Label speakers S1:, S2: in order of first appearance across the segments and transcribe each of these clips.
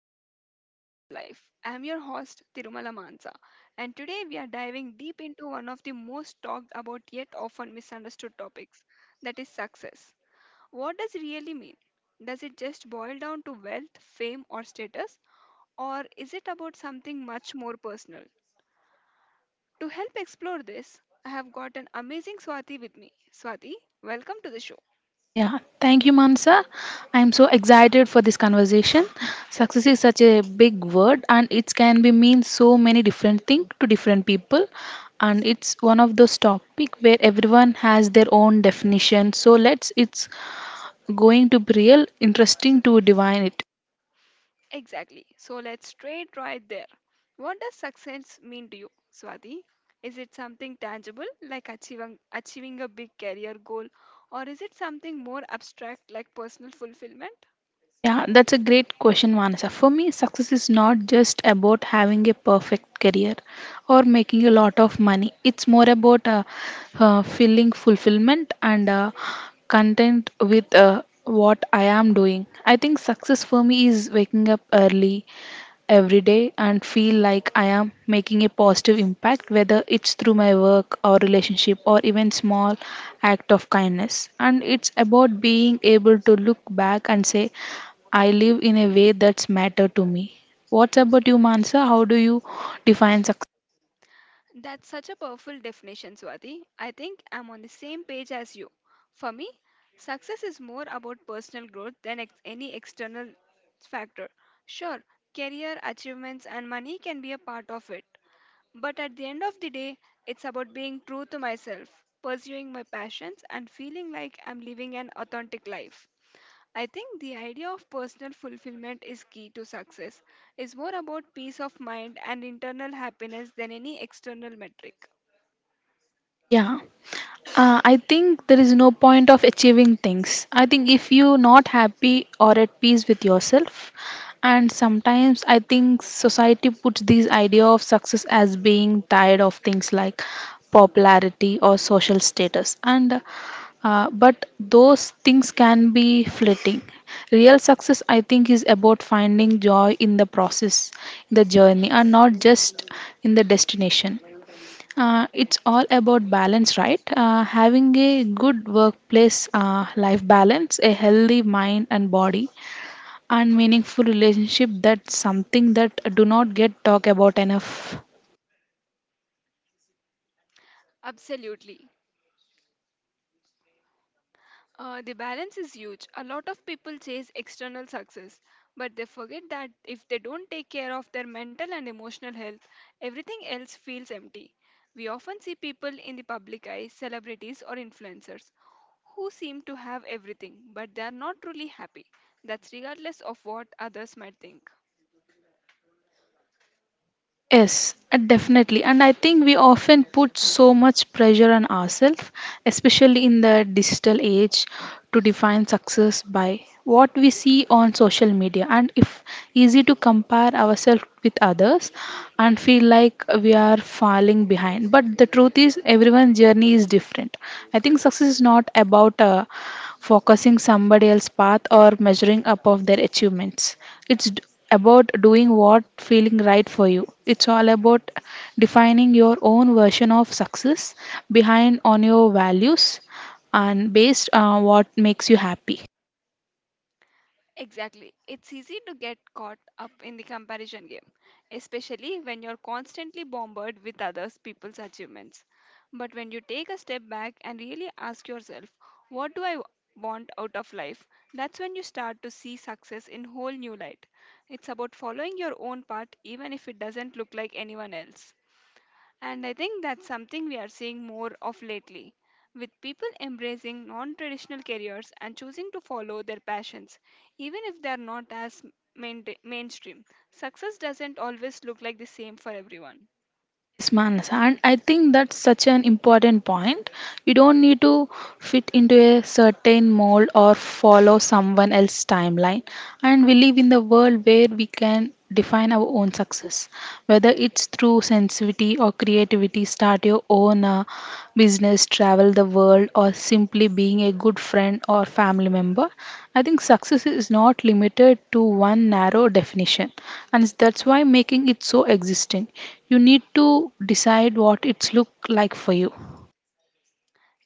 S1: episode of The Meaning of Life. I'm your host Tirumala Mansa, and today we are diving deep into one of the most talked about yet often misunderstood topics that is success. What does it really mean? Does it just boil down to wealth, fame, or status, or is it about something much more personal? To help explore this, I have got an amazing Swati with me. Swati, welcome to the show.
S2: Yeah, thank you, Mansa. I'm so excited for this conversation. Success is such a big word, and it can be mean so many different things to different people. And it's one of those topic where everyone has their own definition. So let's it's going to be real interesting to divine it.
S1: Exactly. So let's straight right there. What does success mean to you, Swati? Is it something tangible like achieving a big career goal or is it something more abstract like personal fulfillment?
S2: Yeah, that's a great question, Vanessa. For me, success is not just about having a perfect career or making a lot of money. It's more about feeling fulfillment and content with what I am doing. I think success for me is waking up early, every day and feel like I am making a positive impact, whether it's through my work or relationship or even small act of kindness. And it's about being able to look back and say, I live in a way that's matter to me. What about you, Mansa? How do you define success?
S1: That's such a powerful definition, Swati. I think I'm on the same page as you. For me, success is more about personal growth than any external factor. Sure, career achievements and money can be a part of it, but at the end of the day, it's about being true to myself, pursuing my passions, and feeling like I'm living an authentic life. I think the idea of personal fulfillment is key to success. It's more about peace of mind and internal happiness than any external metric.
S2: Yeah, I think there is no point of achieving things. I think if you're not happy or at peace with yourself, and sometimes I think society puts this idea of success as being tied of things like popularity or social status, and but those things can be fleeting. Real success, I think, is about finding joy in the process, in the journey, and not just in the destination. It's all about balance, right? Having a good workplace life balance, a healthy mind and body, and meaningful relationship. That's something that do not get talked about enough.
S1: Absolutely. The balance is huge. A lot of people chase external success, but they forget that if they don't take care of their mental and emotional health, everything else feels empty. We often see people in the public eye, celebrities or influencers, who seem to have everything, but they are not truly happy. That's regardless of what others might think.
S2: Yes, definitely. And I think we often put so much pressure on ourselves, especially in the digital age to define success by what we see on social media, and if easy to compare ourselves with others and feel like we are falling behind, but the truth is everyone's journey is different. I think success is not about focusing somebody else's path or measuring up of their achievements. it's d- about doing what feeling right for you. It's all about defining your own version of success behind on your values and based on what makes you happy.
S1: Exactly. It's easy to get caught up in the comparison game, especially when you're constantly bombarded with others people's achievements. But when you take a step back and really ask yourself, what do want out of life? That's when you start to see success in whole new light. It's about following your own path even if it doesn't look like anyone else. And I think that's something we are seeing more of lately, with people embracing non traditional careers and choosing to follow their passions, even if they are not as mainstream. Success doesn't always look like the same for everyone.
S2: Yes, Manas, and I think that's such an important point. You don't need to fit into a certain mold or follow someone else's timeline. And we live in the world where we can define our own success, whether it's through sensitivity or creativity, start your own business, travel the world, or simply being a good friend or family member. I think success is not limited to one narrow definition, and that's why making it so existing. You need to decide what it's look like for you.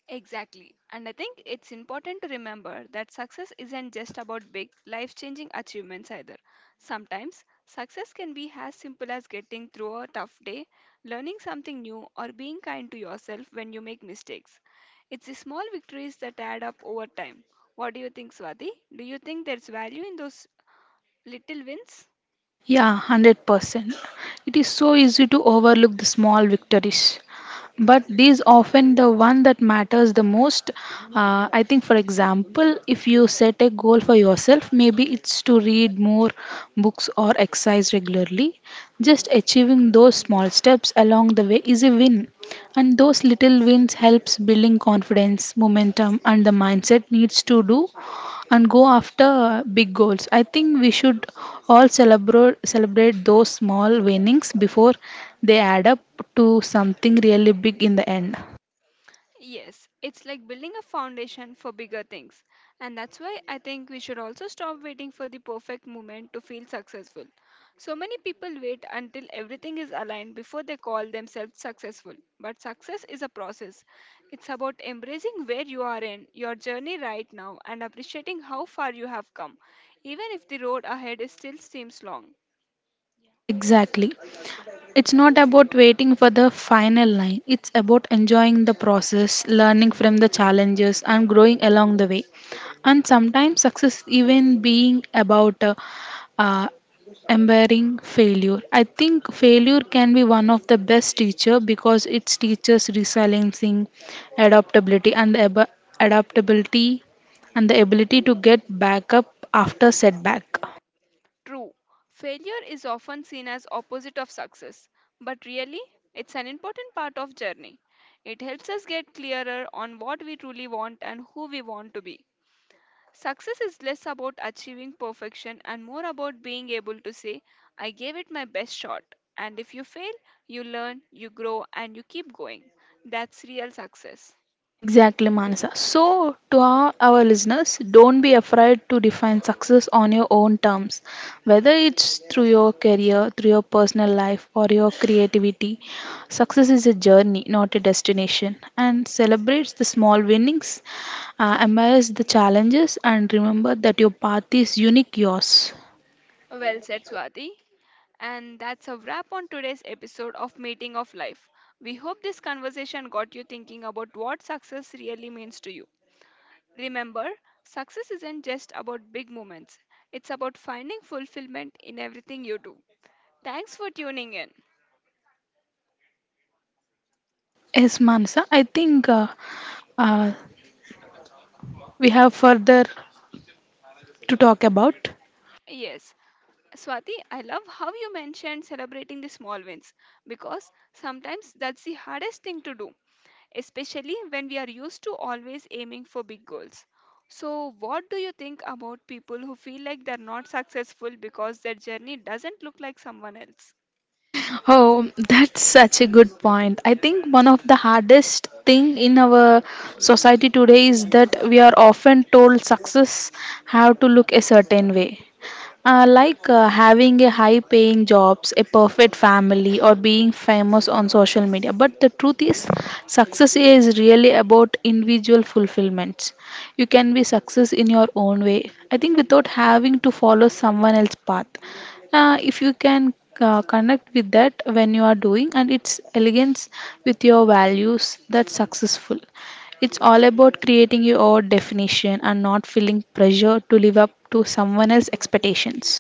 S1: Exactly. And I think it's important to remember that success isn't just about big, life changing achievements either. Sometimes, success can be as simple as getting through a tough day, learning something new, or being kind to yourself when you make mistakes. It's the small victories that add up over time. What do you think, Swati? Do you think there's value in those little wins?
S2: Yeah, 100%. It is so easy to overlook the small victories. But these often the one that matters the most. I think, for example, if you set a goal for yourself, maybe it's to read more books or exercise regularly. Just achieving those small steps along the way is a win, and those little wins helps building confidence, momentum, and the mindset needs to do and go after big goals. I think we should all celebrate those small winnings before they add up to something really big in the end.
S1: Yes, it's like building a foundation for bigger things. And that's why I think we should also stop waiting for the perfect moment to feel successful. So many people wait until everything is aligned before they call themselves successful. But success is a process. It's about embracing where you are in your journey right now and appreciating how far you have come, even if the road ahead is still seems long.
S2: Exactly. It's not about waiting for the final line. It's about enjoying the process, learning from the challenges, and growing along the way. And sometimes success even being about uh, embarrassing failure. I think failure can be one of the best teacher because it teaches resiliency, adaptability, and adaptability and the ability to get back up after setback.
S1: True, failure is often seen as opposite of success, but really it's an important part of journey. It helps us get clearer on what we truly want and who we want to be. Success is less about achieving perfection and more about being able to say I gave it my best shot. And if you fail, you learn, you grow and you keep going. That's real success.
S2: Exactly, Manasa. So, to our listeners, don't be afraid to define success on your own terms. Whether it's through your career, through your personal life, or your creativity, success is a journey, not a destination. And celebrate the small winnings, embrace the challenges, and remember that your path is unique yours.
S1: Well said, Swati. And that's a wrap on today's episode of Meeting of Life. We hope this conversation got you thinking about what success really means to you. Remember, success isn't just about big moments, it's about finding fulfillment in everything you do. Thanks for tuning in.
S2: Yes, Manasa, I think uh, we have further to talk about.
S1: Yes, Swati, I love how you mentioned celebrating the small wins because sometimes that's the hardest thing to do, especially when we are used to always aiming for big goals. So, what do you think about people who feel like they're not successful because their journey doesn't look like someone else?
S2: Oh, that's such a good point. I think one of the hardest thing in our society today is that we are often told success have to look a certain way. Like having a high paying jobs, a perfect family, or being famous on social media. But the truth is, success is really about individual fulfillments. You can be success in your own way. I think without having to follow someone else's path. If you can connect with that when you are doing, and it's elegance with your values, that's successful. It's all about creating your own definition and not feeling pressure to live up to someone else's expectations.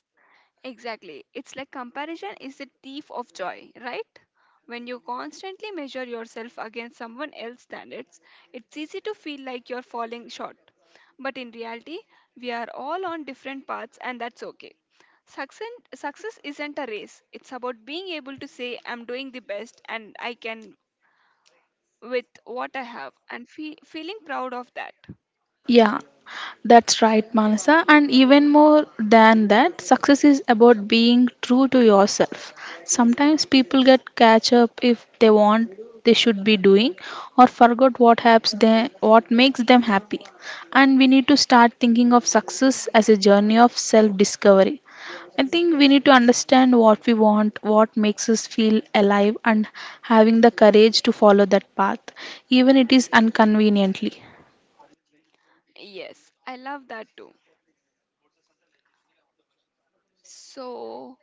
S1: Exactly. It's like comparison is the thief of joy, right? When you constantly measure yourself against someone else's standards, it's easy to feel like you're falling short. But in reality, we are all on different paths, and that's okay. Success isn't a race, it's about being able to say, I'm doing the best and I can with what I have, and feeling proud of that.
S2: Yeah, that's right, Manasa. And even more than that, success is about being true to yourself. Sometimes people get catch up if they want they should be doing or forgot what helps them what makes them happy. And we need to start thinking of success as a journey of self discovery. I think we need to understand what we want, what makes us feel alive, and having the courage to follow that path, even it is inconveniently.
S1: Yes, I love that too. So,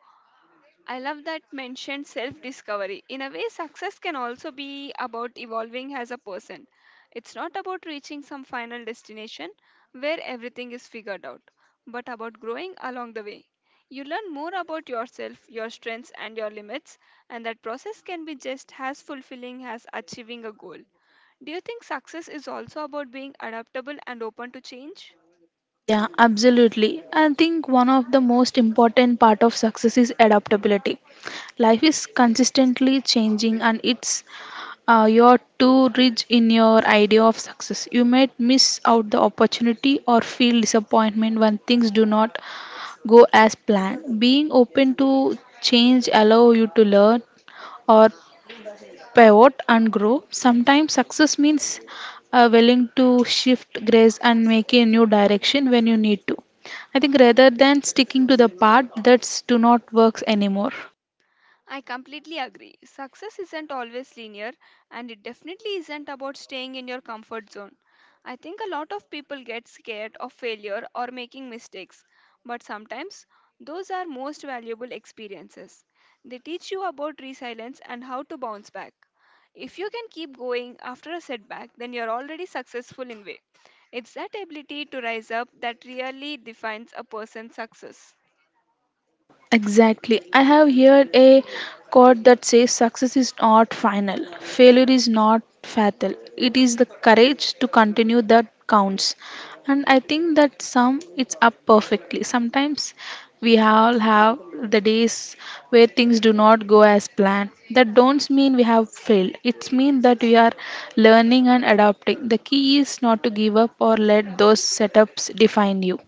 S1: I love that mentioned self discovery. In a way, success can also be about evolving as a person. It's not about reaching some final destination where everything is figured out, but about growing along the way. You learn more about yourself, your strengths, and your limits, and that process can be just as fulfilling as achieving a goal. Do you think success is also about being adaptable and open to change?
S2: Yeah, absolutely. I think one of the most important part of success is adaptability. Life is consistently changing and it's you're too rich in your idea of success. You might miss out the opportunity or feel disappointment when things do not go as planned. Being open to change allow you to learn or pivot and grow. Sometimes success means willing to shift grace and make a new direction when you need to. I think rather than sticking to the path that's do not works anymore.
S1: I completely agree. Success isn't always linear, and it definitely isn't about staying in your comfort zone. I think a lot of people get scared of failure or making mistakes, but sometimes those are most valuable experiences. They teach you about resilience and how to bounce back. If you can keep going after a setback, then you're already successful in way. It's that ability to rise up that really defines a person's success.
S2: Exactly. I have heard a quote that says success is not final, failure is not fatal. It is the courage to continue that counts. And I think that some it's up perfectly. Sometimes we all have the days where things do not go as planned. That don't mean we have failed. It means that we are learning and adapting. The key is not to give up or let those setups define you.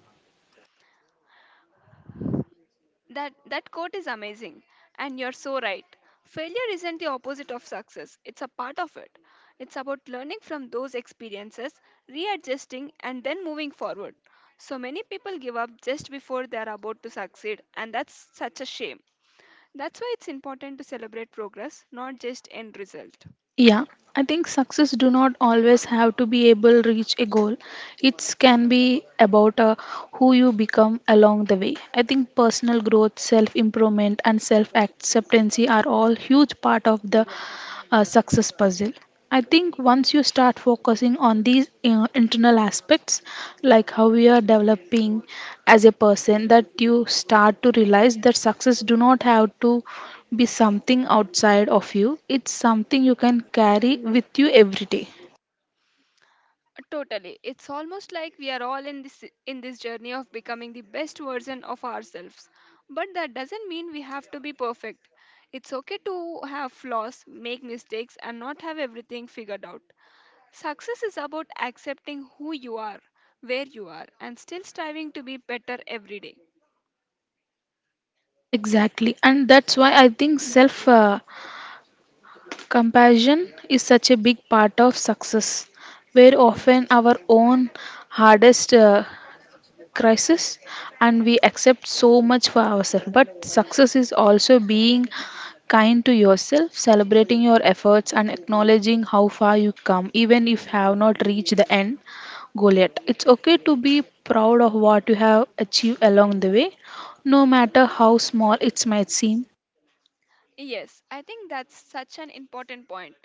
S1: That quote is amazing and you're so right. Failure isn't the opposite of success. It's a part of it. It's about learning from those experiences, readjusting and then moving forward. So many people give up just before they are about to succeed and that's such a shame. That's why it's important to celebrate progress, not just end result.
S2: Yeah, I think success do not always have to be able to reach a goal. It can be about who you become along the way. I think personal growth, self improvement, and self acceptance are all huge part of the a success puzzle. I think once you start focusing on these internal aspects, like how you are developing as a person, that you start to realize that success do not have to be something outside of you. It's something you can carry with you every day.
S1: Totally. It's almost like we are all in this journey of becoming the best version of ourselves. But that doesn't mean we have to be perfect. It's okay to have flaws, make mistakes and not have everything figured out. Success is about accepting who you are, where you are and still striving to be better every day.
S2: Exactly, and that's why I think self compassion is such a big part of success, where often our own hardest crisis and we accept so much for ourselves. But success is also being kind to yourself, celebrating your efforts, and acknowledging how far you come, even if you have not reached the end goal yet. It's okay to be proud of what you have achieved along the way, no matter how small it might seem.
S1: Yes, I think that's such an important point.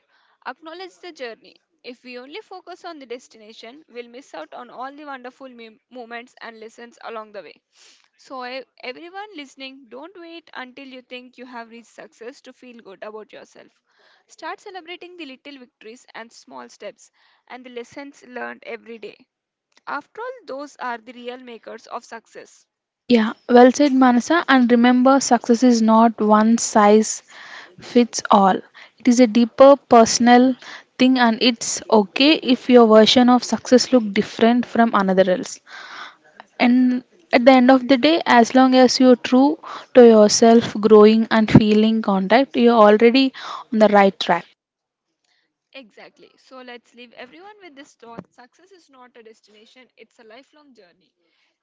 S1: Acknowledge the journey. If we only focus on the destination, we'll miss out on all the wonderful moments and lessons along the way. So, everyone listening, don't wait until you think you have reached success to feel good about yourself. Start celebrating the little victories and small steps and the lessons learned every day. After all, those are the real makers of success.
S2: Yeah, well said, Manasa. And remember, success is not one size fits all. It is a deeper personal thing, and it's okay if your version of success look different from another else. And at the end of the day, as long as you're true to yourself, growing and feeling contact, you're already on the right track.
S1: Exactly. So let's leave everyone with this thought success is not a destination, it's a lifelong journey.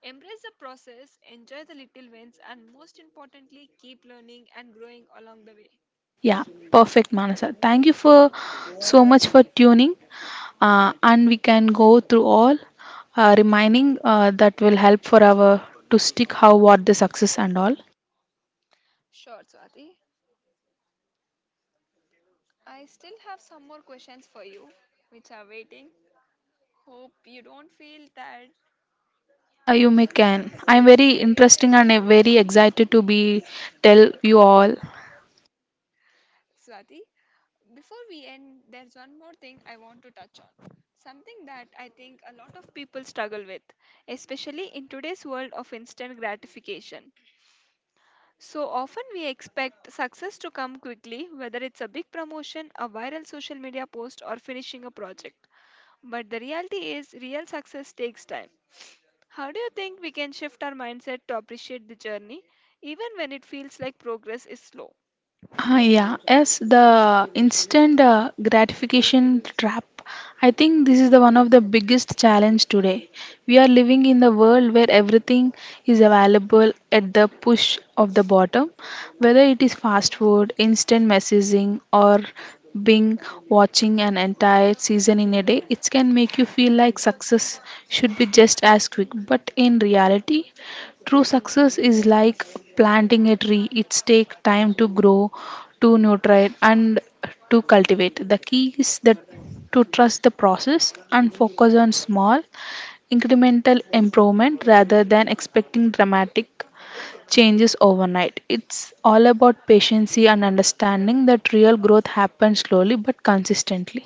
S1: Embrace the process, enjoy the little wins, and most importantly, keep learning and growing along the way.
S2: Yeah, perfect, Manasa. Thank you for so much for tuning. And we can go through all reminding that will help for our to stick how what the success and all
S1: Sure, Swati. I still have some more questions for you, which are waiting. Hope you don't feel tired,
S2: yeah you may can I'm very interesting and very excited to be tell you all.
S1: Swati. Before we end, there's one more thing I want to touch on. Something that I think a lot of people struggle with, especially in today's world of instant gratification. So often we expect success to come quickly, whether it's a big promotion, a viral social media post, or finishing a project. But the reality is, real success takes time. How do you think we can shift our mindset to appreciate the journey, even when it feels like progress is slow?
S2: Ah, yeah, yes, the instant gratification trap. I think this is the one of the biggest challenge today. We are living in the world where everything is available at the push of the button, whether it is fast food, instant messaging, or being watching an entire season in a day. It can make you feel like success should be just as quick, but in reality, true success is like planting a tree. It takes time to grow, to nutrient and to cultivate. The key is that to trust the process and focus on small incremental improvement rather than expecting dramatic changes overnight. It's all about patience and understanding that real growth happens slowly but consistently.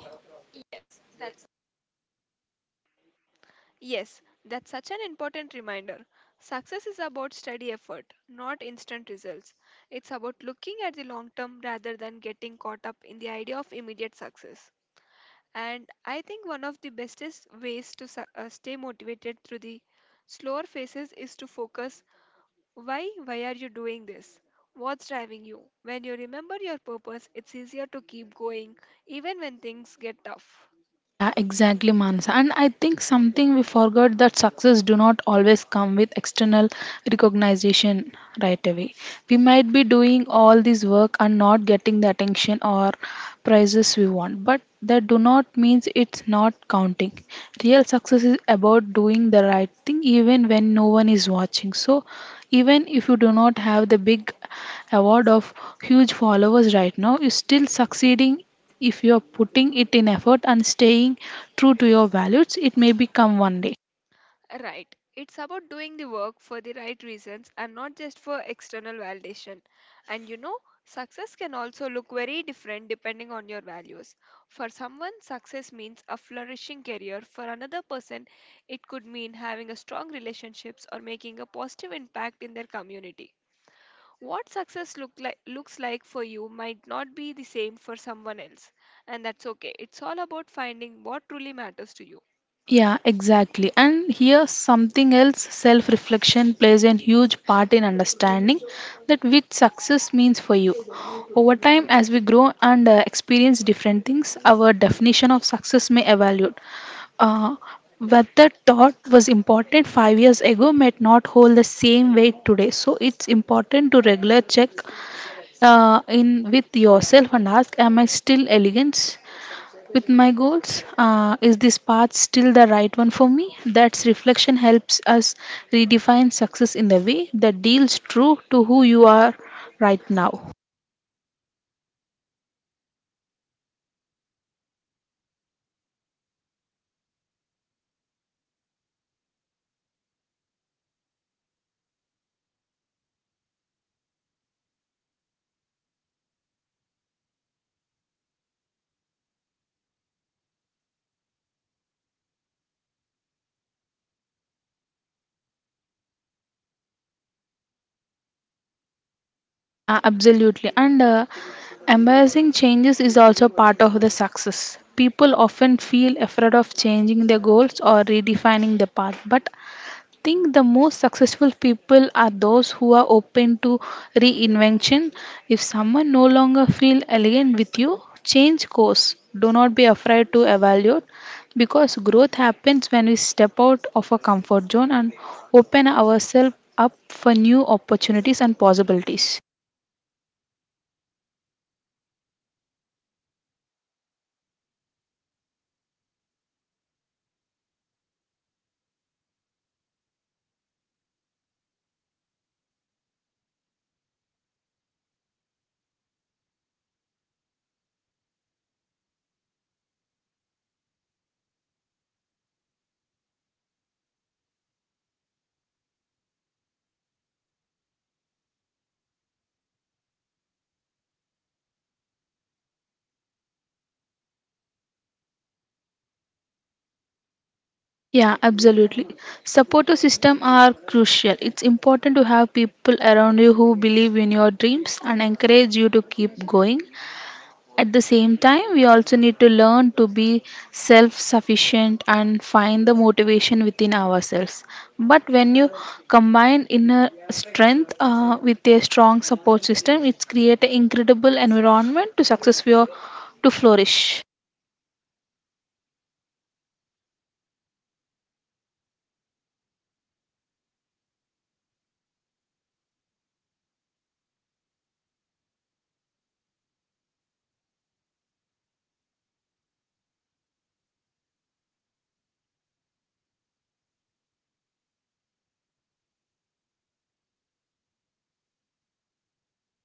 S1: Yes, that's such an important reminder. Success is about steady effort, not instant results. It's about looking at the long term rather than getting caught up in the idea of immediate success. And I think one of the bestest ways to stay motivated through the slower phases is to focus why are you doing this? What's driving you? When you remember your purpose, it's easier to keep going even when things get tough.
S2: Yeah, exactly, Manasa. And I think something we forgot that success do not always come with external recognition right away. We might be doing all this work and not getting the attention or prizes we want, but that do not means it's not counting. Real success is about doing the right thing even when no one is watching. So even if you do not have the big award of huge followers right now is still succeeding if you are putting it in effort and staying true to your values, it may become one day.
S1: Right. It's about doing the work for the right reasons and not just for external validation. And you know, success can also look very different depending on your values. For someone, success means a flourishing career. For another person, it could mean having a strong relationships or making a positive impact in their community. What looks like for you might not be the same for someone else, and that's okay. It's all about finding what truly matters to you.
S2: Yeah, exactly, and here something else, self reflection plays a huge part in understanding that which success means for you over time. As we grow and experience different things, our definition of success may evaluate. Uh, what the thought was important 5 years ago might not hold the same weight today. So it's important to regular check in with yourself and ask, am I still elegant with my goals? Is this path still the right one for me? That's reflection helps us redefine success in the way that deals true to who you are right now. Yeah, absolutely. And embracing changes is also part of the success. People often feel afraid of changing their goals or redefining their path, but I think the most successful people are those who are open to reinvention. If someone no longer feel alien with you, change course. Do not be afraid to evaluate because growth happens when we step out of our comfort zone and open ourselves up for new opportunities and possibilities. Yeah, absolutely. Supportive system are crucial. It's important to have people around you who believe in your dreams and encourage you to keep going. At the same time, we also need to learn to be self-sufficient and find the motivation within ourselves. But when you combine inner strength with a strong support system, it's create an incredible environment to success for your- to flourish.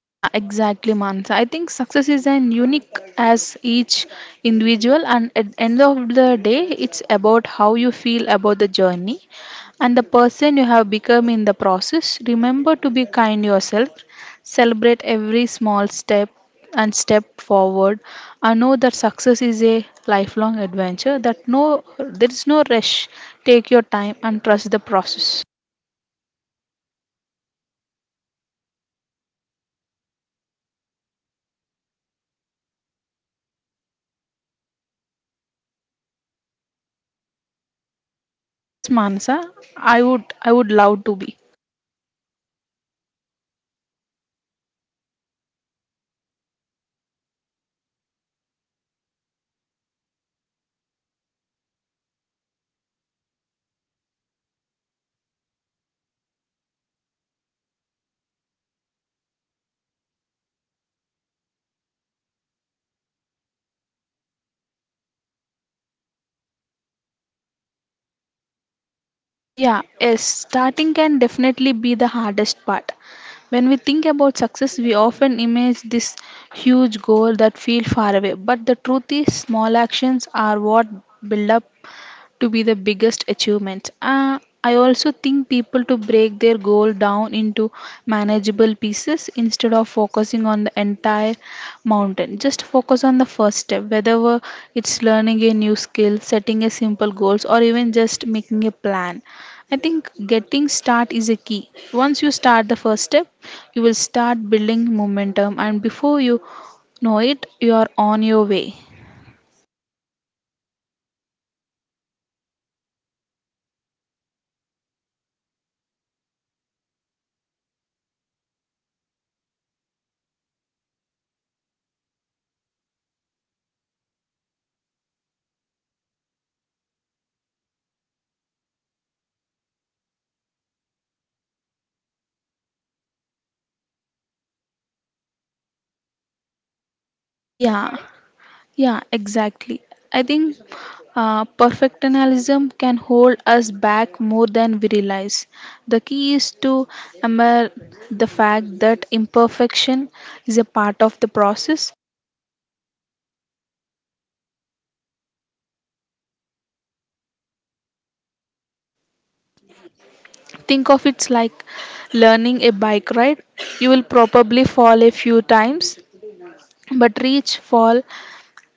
S2: Yeah, exactly, Mansa. I think success is an unique as each individual, and at the end of the day, it's about how you feel about the journey and the person you have become in the process. Remember to be kind yourself, celebrate every small step and step forward. I know that success is a lifelong adventure. That no, there is no rush. Take your time and trust the process. Yes, Mansa, I would love to be. Yeah, yes, starting can definitely be the hardest part. When we think about success, we often image this huge goal that feels far away, but the truth is small actions are what build up to be the biggest achievement. I also think people to break their goal down into manageable pieces. Instead of focusing on the entire mountain, just focus on the first step, whether it's learning a new skill, setting a simple goals, or even just making a plan. I think getting start is a key. Once you start the first step, you will start building momentum, and before you know it, you are on your way. Yeah. Yeah, exactly. I think perfectionism can hold us back more than we realize. The key is to admire the fact that imperfection is a part of the process. Think of it like learning a bike ride. You will probably fall a few times, but reach, fall,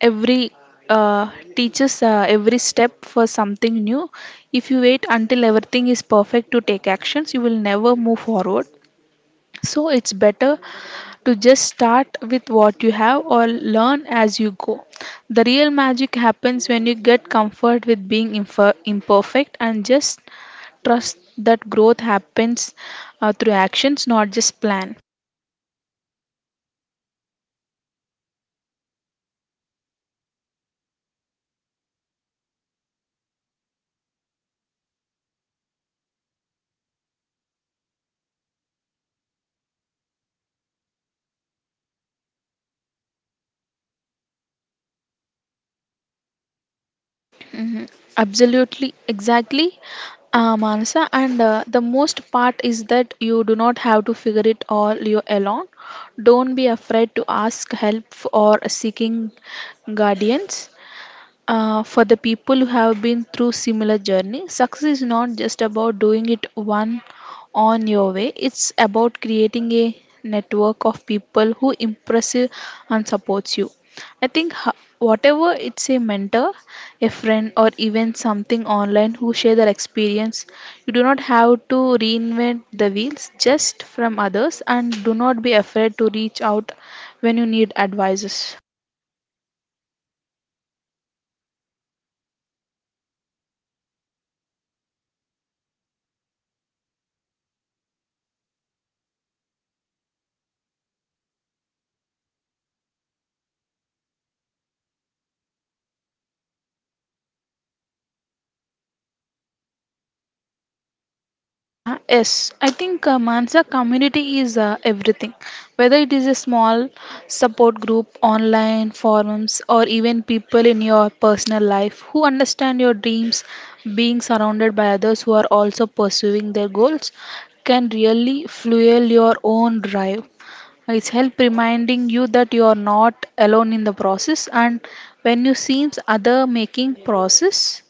S2: every uh, teaches every step for something new. If you wait until everything is perfect to take actions, you will never move forward. So it's better to just start with what you have or learn as you go. The real magic happens when you get comfort with being imperfect and just trust that growth happens through actions, not just plan. Mhm. Absolutely, exactly, Manasa. And the most part is that you do not have to figure it all you alone. Don't be afraid to ask help or seeking guardians. For the people who have been through similar journey, success is not just about doing it one on your way. It's about creating a network of people who impress you and supports you. I think whatever it's a mentor, a friend, or even something online who share their experience. You do not have to reinvent the wheels just from others, and do not be afraid to reach out when you need advices. Yeah, yes. I think Mansa community is everything. Whether it is a small support group, online forums, or even people in your personal life who understand your dreams, being surrounded by others who are also pursuing their goals can really fuel your own drive. It's help reminding you that you are not alone in the process, and when you seems other making process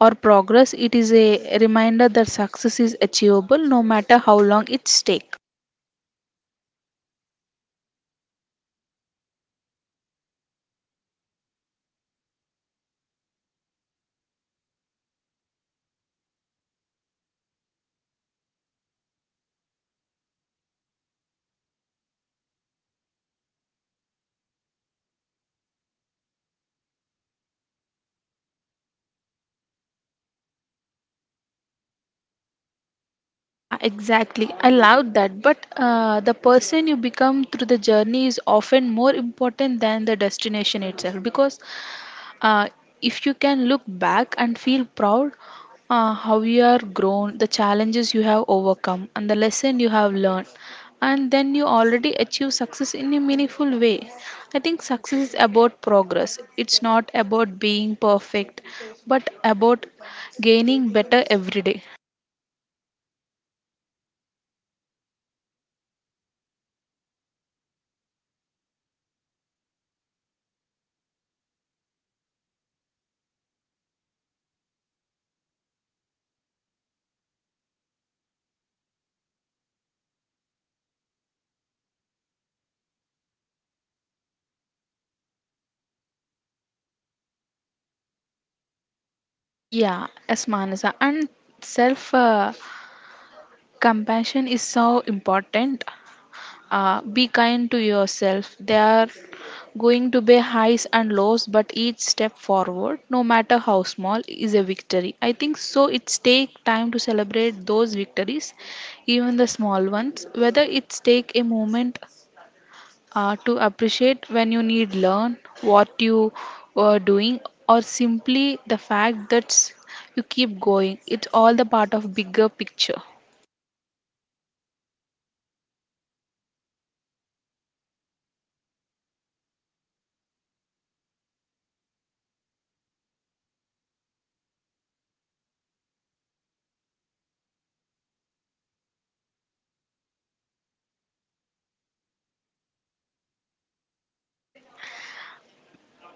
S2: or progress, it is a reminder that success is achievable no matter how long it's take. Yeah, exactly. I love that. But the person you become through the journey is often more important than the destination itself, because Uh, if you can look back and feel proud how you are grown, the challenges you have overcome, and the lesson you have learned, and then you already achieve success in a meaningful way. I think success is about progress. It's not about being perfect, but about gaining better every day. Yeah, as Manasa, and self compassion is so important. Be kind to yourself. There are going to be highs and lows, but each step forward, no matter how small, is a victory. I think so. It's take time to celebrate those victories, even the small ones. Whether it's take a moment to appreciate when you need learn what you are doing, or simply the fact that you keep going. It's all the part of bigger picture.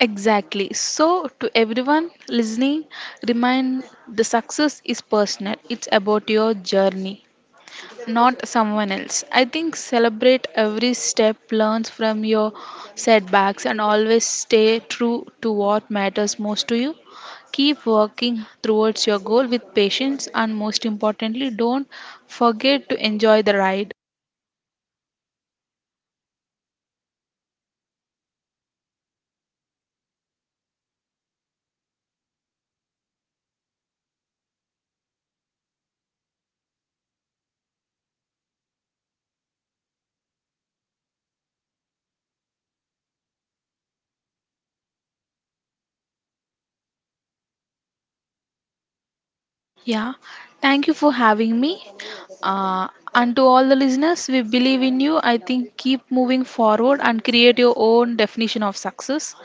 S2: Exactly. So, to everyone listening, remind the success is personal. It's about your journey, not someone else. I think celebrate every step, learns from your setbacks, and always stay true to what matters most to you. Keep working towards your goal with patience, and most importantly, don't forget to enjoy the ride. Yeah, thank you for having me. Uh, and to all the listeners, we believe in you. I think keep moving forward and create your own definition of success.